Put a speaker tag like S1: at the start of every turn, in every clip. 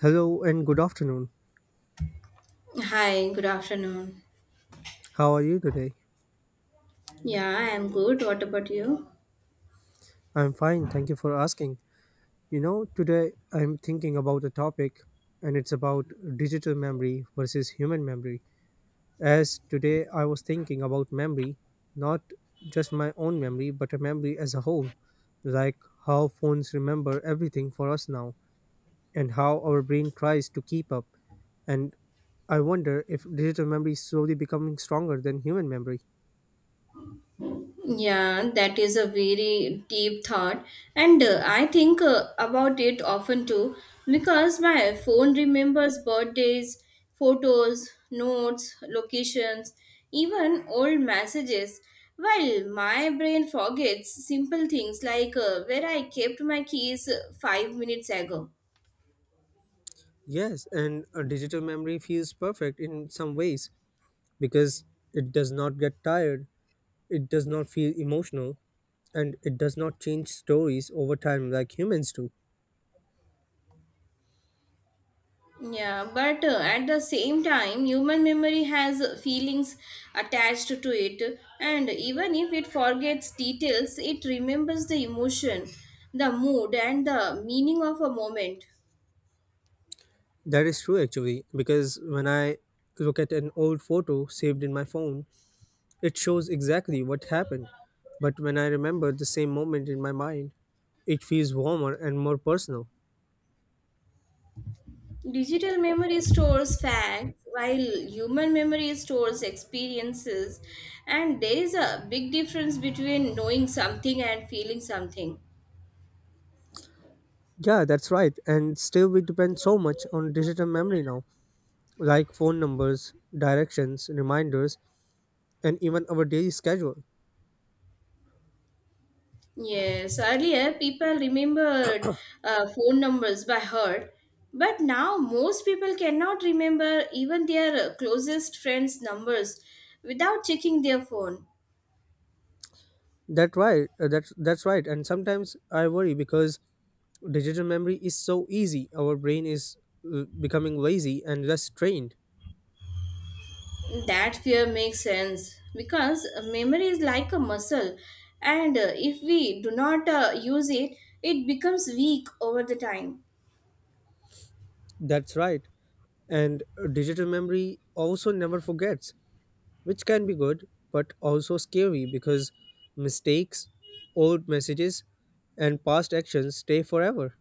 S1: Hello and good afternoon.
S2: Hi, good afternoon.
S1: How are you today?
S2: Yeah, I am good. What about you?
S1: I'm fine, thank you for asking. You know, today I'm thinking about a topic and it's about digital memory versus human memory. As today I was thinking about memory, not just my own memory, but a memory as a whole, like how phones remember everything for us now and how our brain tries to keep up. And I wonder if digital memory is slowly becoming stronger than human memory.
S2: Yeah, that is a very deep thought, and I think about it often too because my phone remembers birthdays, photos, notes, locations, even old messages, while my brain forgets simple things like where I kept my keys 5 minutes ago.
S1: Yes, and a digital memory feels perfect in some ways because it does not get tired, it does not feel emotional, and it does not change stories over time like humans do.
S2: Yeah, but at the same time, human memory has feelings attached to it, and even if it forgets details, it remembers the emotion, the mood, and the meaning of a moment.
S1: That is true actually, because when I look at an old photo saved in my phone, it shows exactly what happened. But when I remember the same moment in my mind, it feels warmer and more personal.
S2: Digital memory stores facts, while human memory stores experiences, and there is a big difference between knowing something and feeling something.
S1: Yeah, that's right. And still, we depend so much on digital memory now like phone numbers, directions, reminders, and even our daily schedule.
S2: Yes, earlier people remembered phone numbers by heart, but now most people cannot remember even their closest friends' numbers without checking their phone.
S1: That right, that's right. And sometimes I worry because digital memory is so easy. Our brain is becoming lazy and less trained.
S2: That fear makes sense because memory is like a muscle, and if we do not use it, it becomes weak over the time.
S1: That's right. And digital memory also never forgets, which can be good but also scary because mistakes, old messages, and past actions stay forever.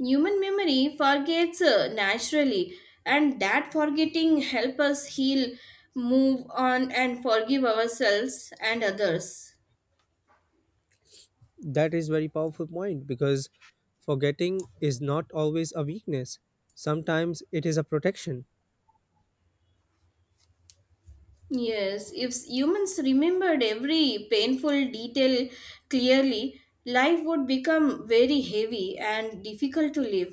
S2: Human memory forgets naturally, and that forgetting helps us heal, move on, and forgive ourselves and others.
S1: That is very powerful point because forgetting is not always a weakness. Sometimes it is a protection.
S2: Yes, if humans remembered every painful detail clearly, life would become very heavy and difficult to live.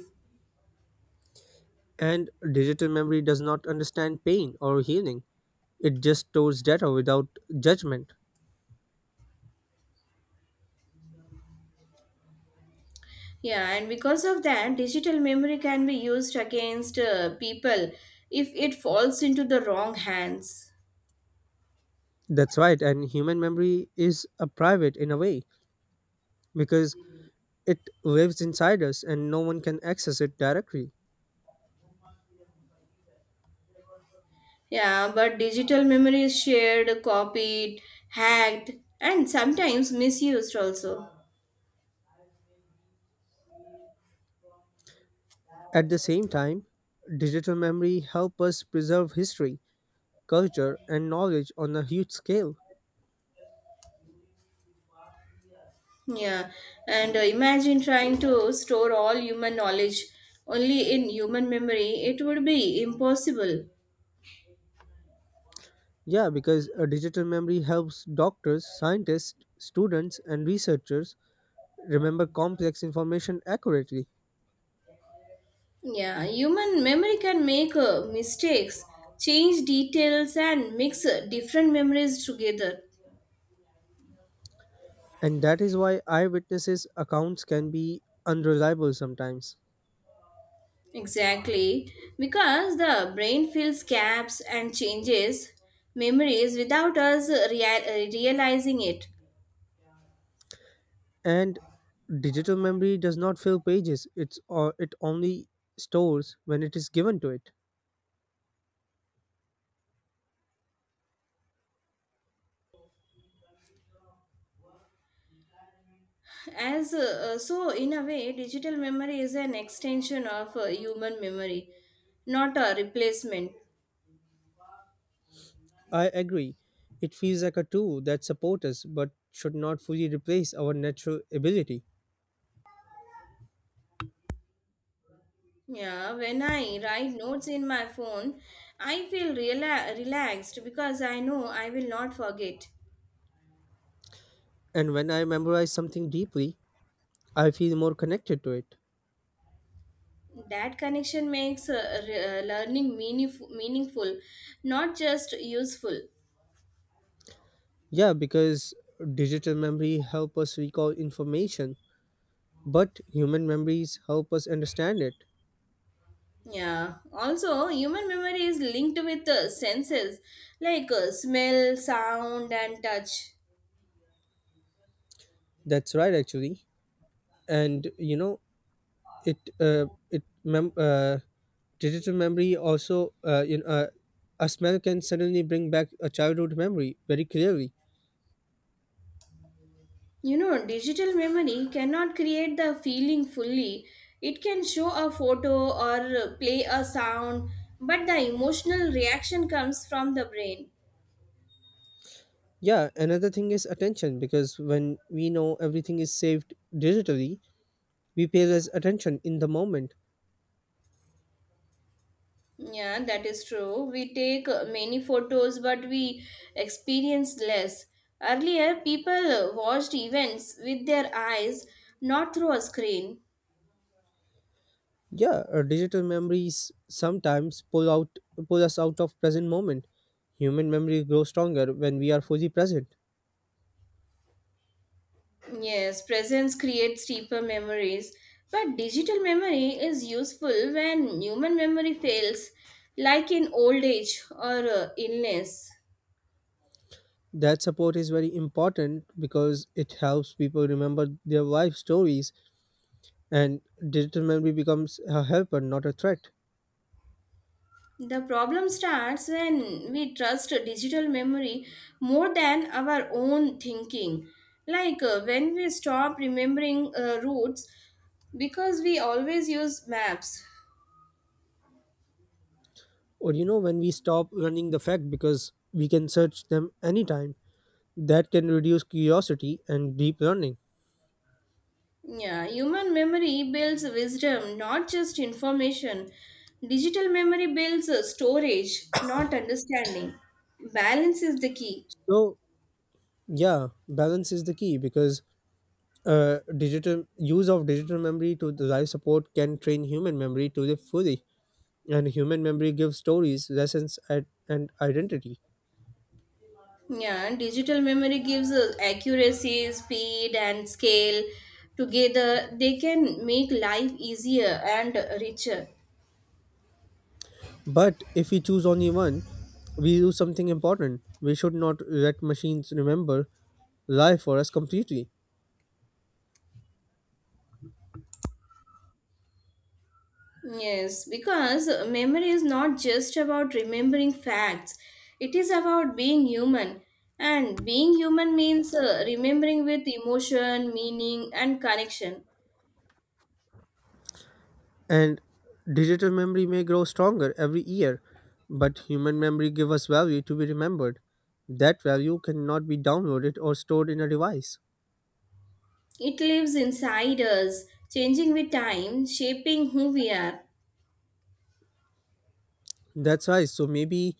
S1: And digital memory does not understand pain or healing. It just stores data without judgment.
S2: Yeah, and because of that, digital memory can be used against people if it falls into the wrong hands.
S1: That's right. And human memory is a private in a way because it lives inside us and no one can access it directly.
S2: Yeah, but digital memory is shared, copied, hacked, and sometimes misused also.
S1: At the same time, digital memory helps us preserve history, culture and knowledge on a huge scale.
S2: Yeah, and imagine trying to store all human knowledge only in human memory, it would be impossible.
S1: Yeah, because a digital memory helps doctors, scientists, students, and researchers remember complex information accurately.
S2: Yeah, human memory can make mistakes, change details, and mix different memories together.
S1: And that is why eyewitnesses' accounts can be unreliable sometimes.
S2: Exactly, because the brain fills gaps and changes memories without us realizing it.
S1: And digital memory does not fill pages, it's, or it only stores when it is given to it.
S2: As so, in a way, digital memory is an extension of human memory, not a replacement.
S1: I agree. It feels like a tool that supports us but should not fully replace our natural ability.
S2: Yeah, when I write notes in my phone, I feel relaxed because I know I will not forget.
S1: And when I memorize something deeply, I feel more connected to it.
S2: That connection makes learning meaningful, not just useful.
S1: Yeah, because digital memory help us recall information, but human memories help us understand it.
S2: Yeah. Also, human memory is linked with senses like smell, sound, and touch.
S1: That's right, actually. And you know, it uh, it mem- uh, digital memory also a smell can suddenly bring back a childhood memory very clearly.
S2: You know, digital memory cannot create the feeling fully. It can show a photo or play a sound, but the emotional reaction comes from the brain.
S1: Yeah, another thing is attention because when we know everything is saved digitally, we pay less attention in the moment.
S2: Yeah, that is true. We take many photos, but we experience less. Earlier, people watched events with their eyes, not through a screen.
S1: Yeah, digital memories sometimes pull us out of present moment. Human memory grows stronger when we are fully present.
S2: Yes, presence creates deeper memories, but digital memory is useful when human memory fails, like in old age or illness.
S1: That support is very important because it helps people remember their life stories and digital memory becomes a helper not a threat.
S2: The problem starts when we trust digital memory more than our own thinking, like when we stop remembering routes because we always use maps.
S1: Or you know when we stop running the fact because we can search them anytime. That can reduce curiosity and deep learning.
S2: Yeah, human memory builds wisdom, not just information. Digital memory builds storage, not understanding. Balance is the key.
S1: So yeah, balance is the key because digital use of digital memory to the life support can train human memory to the fully and human memory gives stories lessons and identity
S2: Yeah, digital memory gives accuracy, speed, and scale. Together, they can make life easier and richer.
S1: but if we choose only one we lose something important. We should not let machines remember life for us completely.
S2: Yes, because memory is not just about remembering facts, it is about being human. And being human means remembering with emotion, meaning, and connection.
S1: And digital memory may grow stronger every year but human memory gives us value to be remembered. That value cannot be downloaded or stored in a device.
S2: It lives inside us, changing with time, shaping who we are.
S1: That's right, so maybe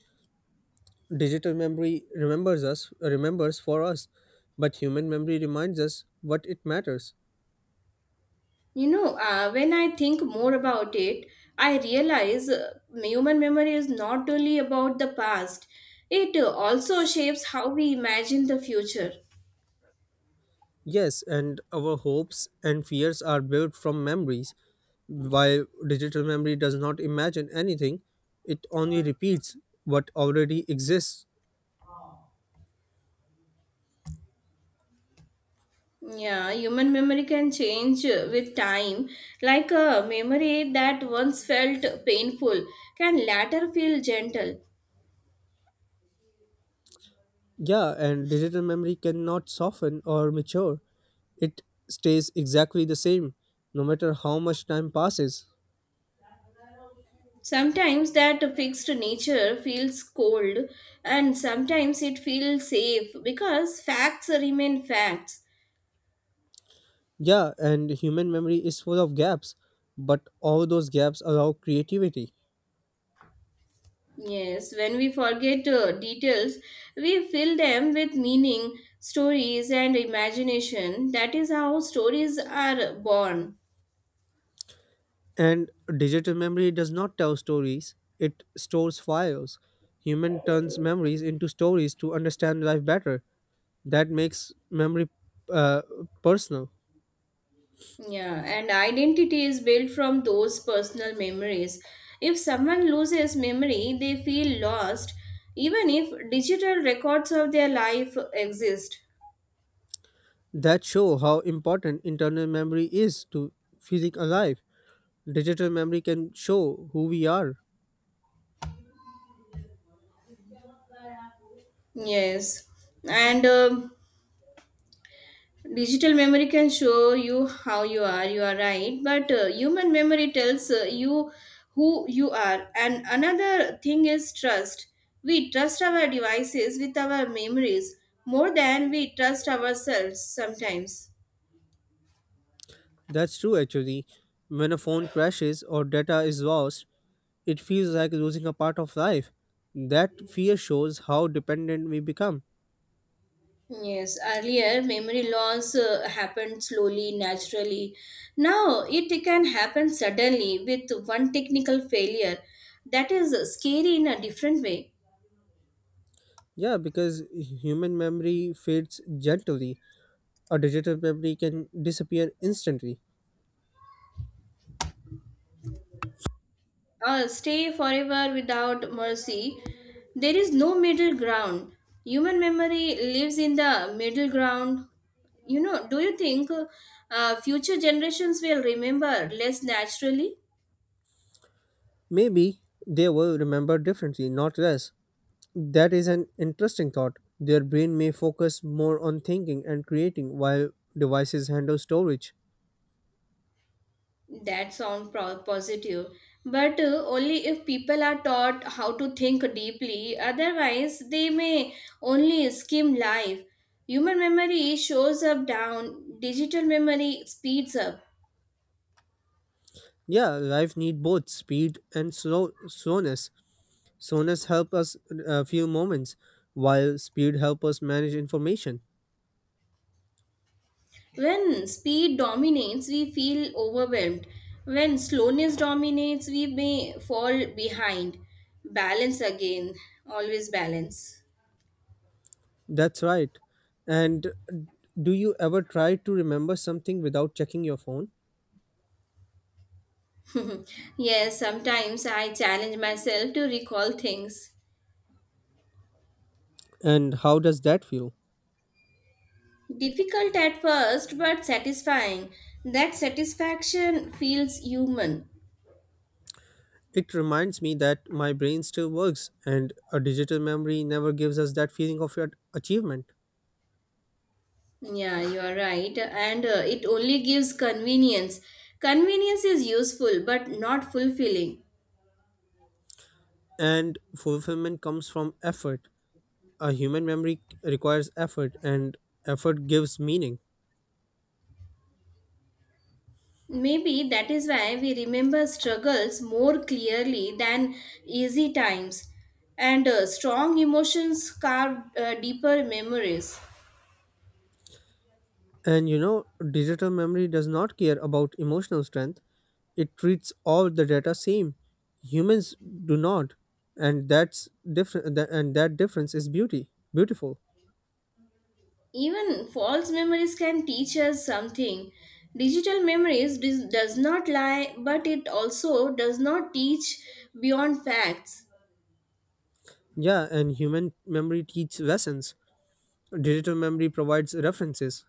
S1: digital memory remembers us, remembers for us, but human memory reminds us what it matters.
S2: When I think more about it, I realize human memory is not only about the past, it also shapes how we imagine the future.
S1: Yes, and our hopes and fears are built from memories. While digital memory does not imagine anything, it only repeats what already exists.
S2: Yeah, human memory can change with time. Like a memory that once felt painful can later feel gentle.
S1: Yeah, and digital memory cannot soften or mature. It stays exactly the same, no matter how much time passes.
S2: Sometimes that fixed nature feels cold, and sometimes it feels safe because facts remain facts.
S1: Yeah, and human memory is full of gaps, but all those gaps allow creativity.
S2: Yes, when we forget details, we fill them with meaning, stories, and imagination. That is how stories are born.
S1: And digital memory does not tell stories, it stores files. Human turns memories into stories to understand life better. That makes memory uh, personal.
S2: Yeah, and identity is built from those personal memories. If someone loses memory, they feel lost, even if digital records of their life exist.
S1: That show how important internal memory is to feeling alive. Digital memory can show who we are.
S2: Yes, and digital memory can show you how you are right, but human memory tells you who you are. And another thing is trust. We trust our devices with our memories more than we trust ourselves sometimes.
S1: That's true actually. When a phone crashes or data is lost, it feels like losing a part of life. That fear shows how dependent we become.
S2: Yes, earlier memory loss happened slowly, naturally. Now it can happen suddenly with one technical failure. That is scary in a different way.
S1: Yeah, because human memory fades gently. A digital memory can disappear instantly.
S2: Or stay forever without mercy. There is no middle ground. Human memory lives in the middle ground. You know, do you think future generations will remember less naturally?
S1: Maybe they will remember differently, not less. That is an interesting thought. Their brain may focus more on thinking and creating while devices handle storage.
S2: That sound positive, but only if people are taught how to think deeply, otherwise, they may only skim life. Human memory shows up down, digital memory speeds up.
S1: Yeah, life need both speed and slowness. Slowness help us few moments, while speed help us manage information.
S2: When speed dominates, we feel overwhelmed. When slowness dominates, we may fall behind. Balance again, always balance.
S1: That's right. And do you ever try to remember something without checking your phone?
S2: Yes, sometimes I challenge myself to recall things.
S1: And how does that feel?
S2: Difficult at first, but satisfying. That satisfaction feels human.
S1: It reminds me that my brain still works, and a digital memory never gives us that feeling of achievement.
S2: Yeah, you are right. And it only gives convenience. Convenience is useful, but not fulfilling.
S1: And fulfillment comes from effort. A human memory requires effort, and effort gives meaning.
S2: Maybe that is why we remember struggles more clearly than easy times. And strong emotions carve deeper memories.
S1: And you know, digital memory does not care about emotional strength. It treats all the data same. Humans do not, and that's different. And that difference is beauty, beautiful.
S2: Even false memories can teach us something. Digital memories does not lie, but it also does not teach beyond facts.
S1: Yeah, and human memory teaches lessons. Digital memory provides references,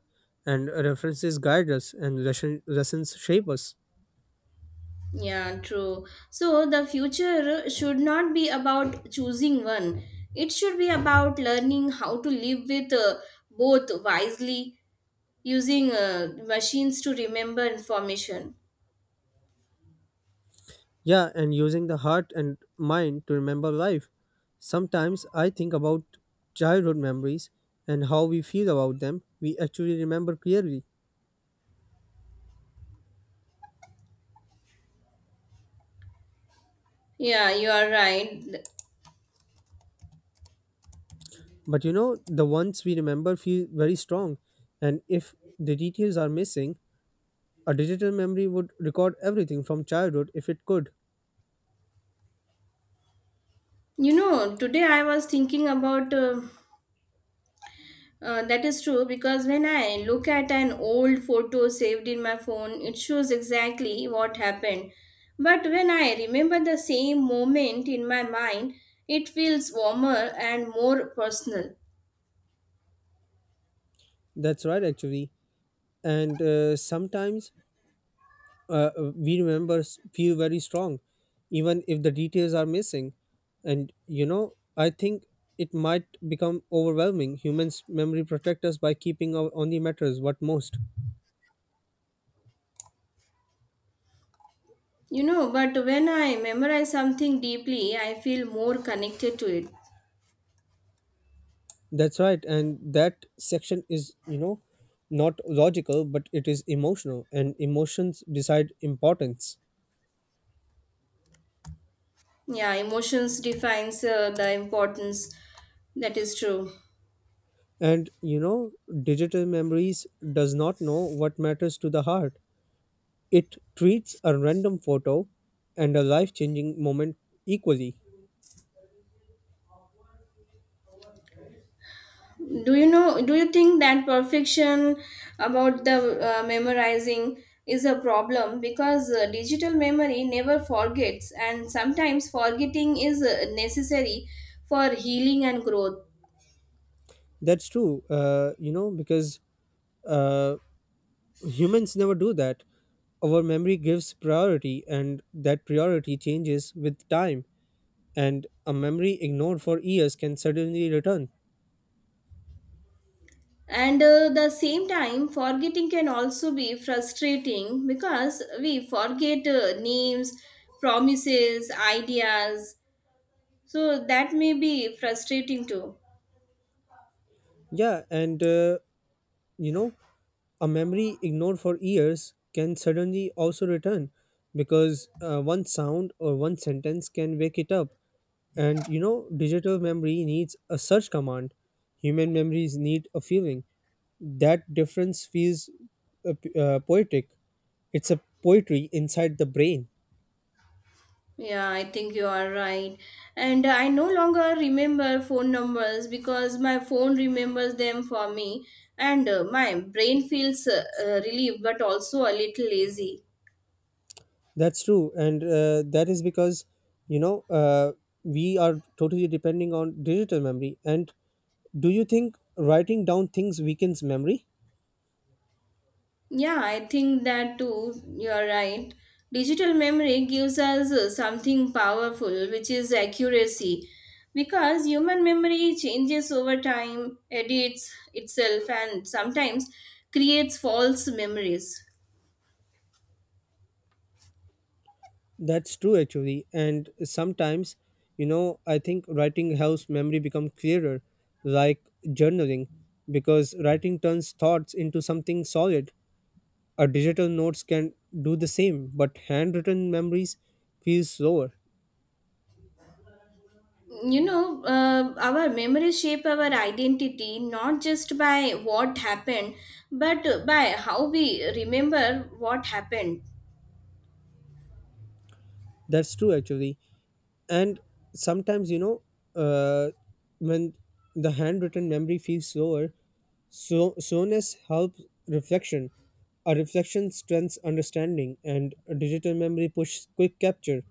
S1: and references guide us, and lessons shape us.
S2: Yeah, true. So the future should not be about choosing one. It should be about learning how to live with both wisely, using machines to remember information.
S1: Yeah, and using the heart and mind to remember life. Sometimes I think about childhood memories and how we feel about them. We actually remember clearly.
S2: Yeah, you are right.
S1: But you know, the ones we remember feel very strong. And if the details are missing, a digital memory would record everything from childhood if it could.
S2: You know, today I was thinking about. That is true because when I look at an old photo saved in my phone, it shows exactly what happened. But when I remember the same moment in my mind, it feels warmer and more personal.
S1: That's right, actually. And sometimes we remember feel very strong even if the details are missing, and you know I think it might become overwhelming. Humans memory protect us by keeping our only matters what most.
S2: You know, but when I memorize something deeply, I feel more connected to it.
S1: That's right, and that section is, you know, not logical but it is emotional, and emotions decide importance.
S2: Yeah, emotions defines the importance. That is true.
S1: And you know, digital memories does not know what matters to the heart. It treats a random photo and a life changing moment equally.
S2: Do you know, do you think that perfection about the memorizing is a problem because digital memory never forgets and sometimes forgetting is necessary for healing and growth.
S1: That's true, you know, because uh, humans never do that. Our memory gives priority, and that priority changes with time. And a memory ignored for years can suddenly return.
S2: And the same time forgetting can also be frustrating because we forget names, promises, ideas, so that may be frustrating too.
S1: Yeah, and you know, a memory ignored for years can suddenly also return because one sound or one sentence can wake it up. And you know, digital memory needs a search command, human memories need a feeling. That difference feels poetic. It's a poetry inside the brain.
S2: Yeah, I think you are right. And I no longer remember phone numbers because my phone remembers them for me, and my brain feels relieved but also a little lazy.
S1: That's true, and that is because, you know, we are totally depending on digital memory. And do you think writing down things weakens memory?
S2: Yeah, I think that too. You are right. Digital memory gives us something powerful, which is accuracy, because human memory changes over time, edits itself, and sometimes creates false memories.
S1: That's true actually, and sometimes, you know, I think writing helps memory become clearer, like journaling, because writing turns thoughts into something solid. A digital notes can do the same, but handwritten memories feel slower.
S2: Our memories shape our identity, not just by what happened but by how we remember what happened.
S1: That's true actually, and sometimes you know, uh, when the handwritten memory feels slower, so soreness helps reflection. A reflection strengthens understanding, and a digital memory pushes quick capture,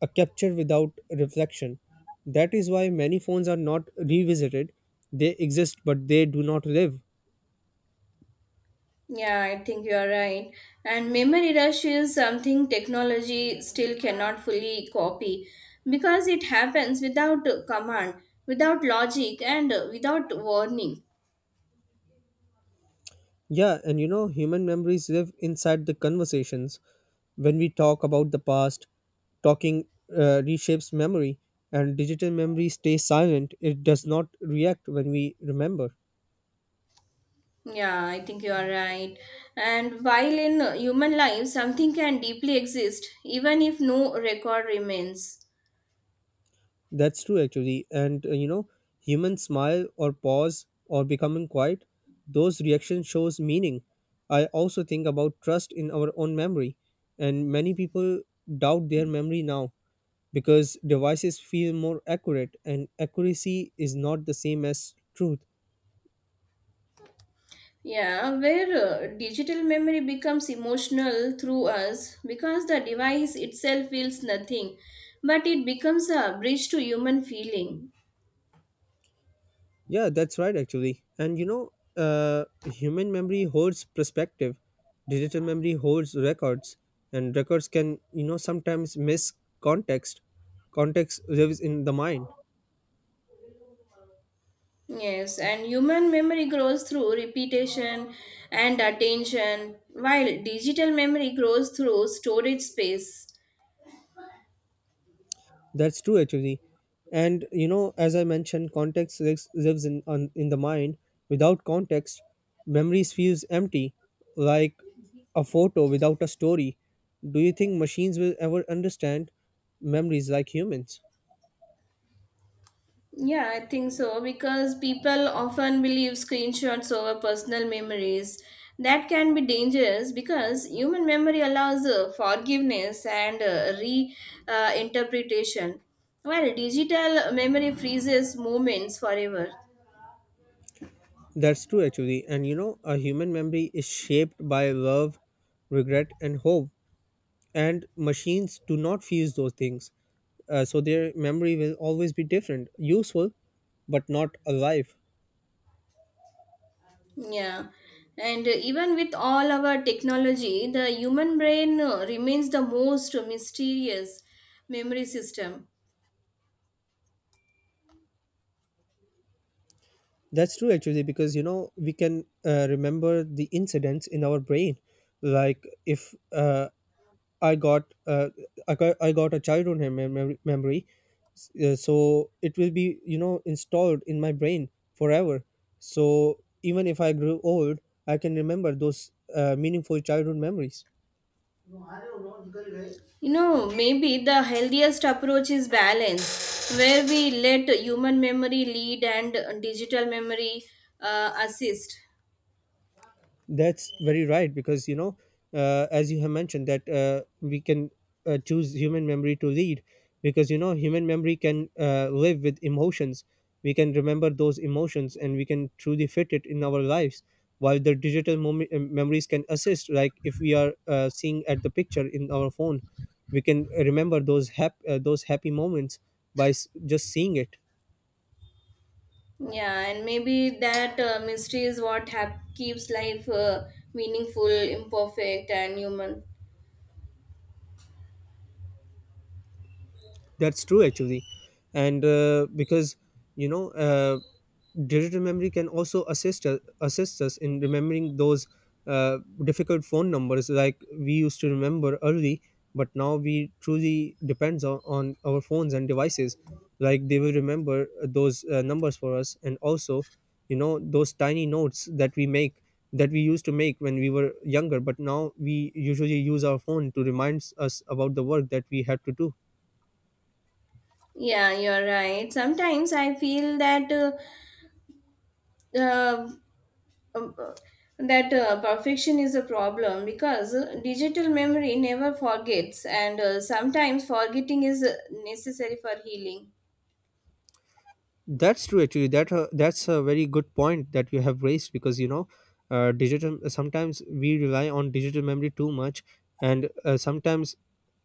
S1: a capture without reflection. That is why many phones are not revisited. They exist, but they do not live.
S2: Yeah, I think you are right. And memory rush is something technology still cannot fully copy because it happens without command, without logic, and without warning.
S1: Yeah, and you know, human memories live inside the conversations. When we talk about the past, talking reshapes memory, and digital memory stays silent. It does not react when we remember.
S2: Yeah, I think you are right. And while in human life, something can deeply exist even if no record remains.
S1: That's true, actually. And you know, human smile or pause or becoming quiet, those reactions shows meaning. I also think about trust in our own memory, and many people doubt their memory now because devices feel more accurate, and accuracy is not the same as truth.
S2: Yeah, where digital memory becomes emotional through us because the device itself feels nothing, but it becomes a bridge to human feeling.
S1: Yeah, that's right, actually. And you know, human memory holds perspective, digital memory holds records, and records can, you know, sometimes miss context. Context lives in the mind.
S2: Yes, and human memory grows through repetition and attention, while digital memory grows through storage space.
S1: That's true, actually. And you know, as I mentioned, context lives in the mind. Without context, memories feels empty, like a photo without a story. Do you think machines will ever understand memories like humans?
S2: Yeah, I think so because people often believe screenshots over personal memories. That can be dangerous because human memory allows forgiveness and re interpretation, while digital memory freezes moments forever.
S1: That's true, actually. And you know, a human memory is shaped by love, regret, and hope. And machines do not fuse those things. So their memory will always be different, useful, but not alive.
S2: Yeah, and even with all our technology, the human brain remains the most mysterious memory system.
S1: That's true, actually, because you know, we can remember the incidents in our brain. Like if I got uh, I got a childhood memory, so it will be, you know, installed in my brain forever. So even if I grew old, I can remember those meaningful childhood memories.
S2: You know, maybe the healthiest approach is balance, where we let human memory lead and digital memory assist.
S1: That's very right because you know, as you have mentioned, that we can choose human memory to lead because you know, human memory can live with emotions. We can remember those emotions and we can truly fit it in our lives. While the digital memories can assist, like if we are seeing at the picture in our phone, we can remember those those happy moments by just seeing it.
S2: Yeah, and maybe that mystery is what keeps life meaningful, imperfect, and human.
S1: That's true actually, and because you know, digital memory can also assist us in remembering those uh, difficult phone numbers like we used to remember early, but now we truly depends on our phones and devices. Like they will remember those numbers for us, and also, you know, those tiny notes that we make that we used to make when we were younger, but now we usually use our phone to remind us about the work that we had to do.
S2: Yeah, you're right. Sometimes I feel that uh, um, uh, that perfection is a problem because digital memory never forgets and sometimes forgetting is necessary for healing.
S1: That's true. Actually, that that's a very good point that you have raised because you know, digital. Sometimes we rely on digital memory too much, and sometimes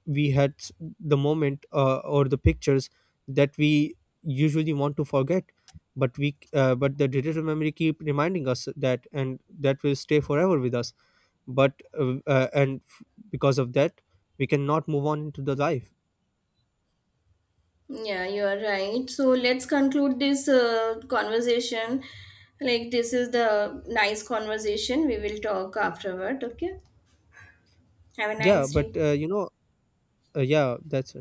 S1: we the moment or the pictures that we usually want to forget, but but the digital memory keep reminding us that, and that will stay forever with us. But because of that, we cannot move on into the life.
S2: Yeah, you are right, so let's conclude this conversation. Like, this is the nice conversation. We will talk afterward, okay. Have a
S1: Yeah,
S2: nice
S1: but
S2: day.
S1: you know, yeah, that's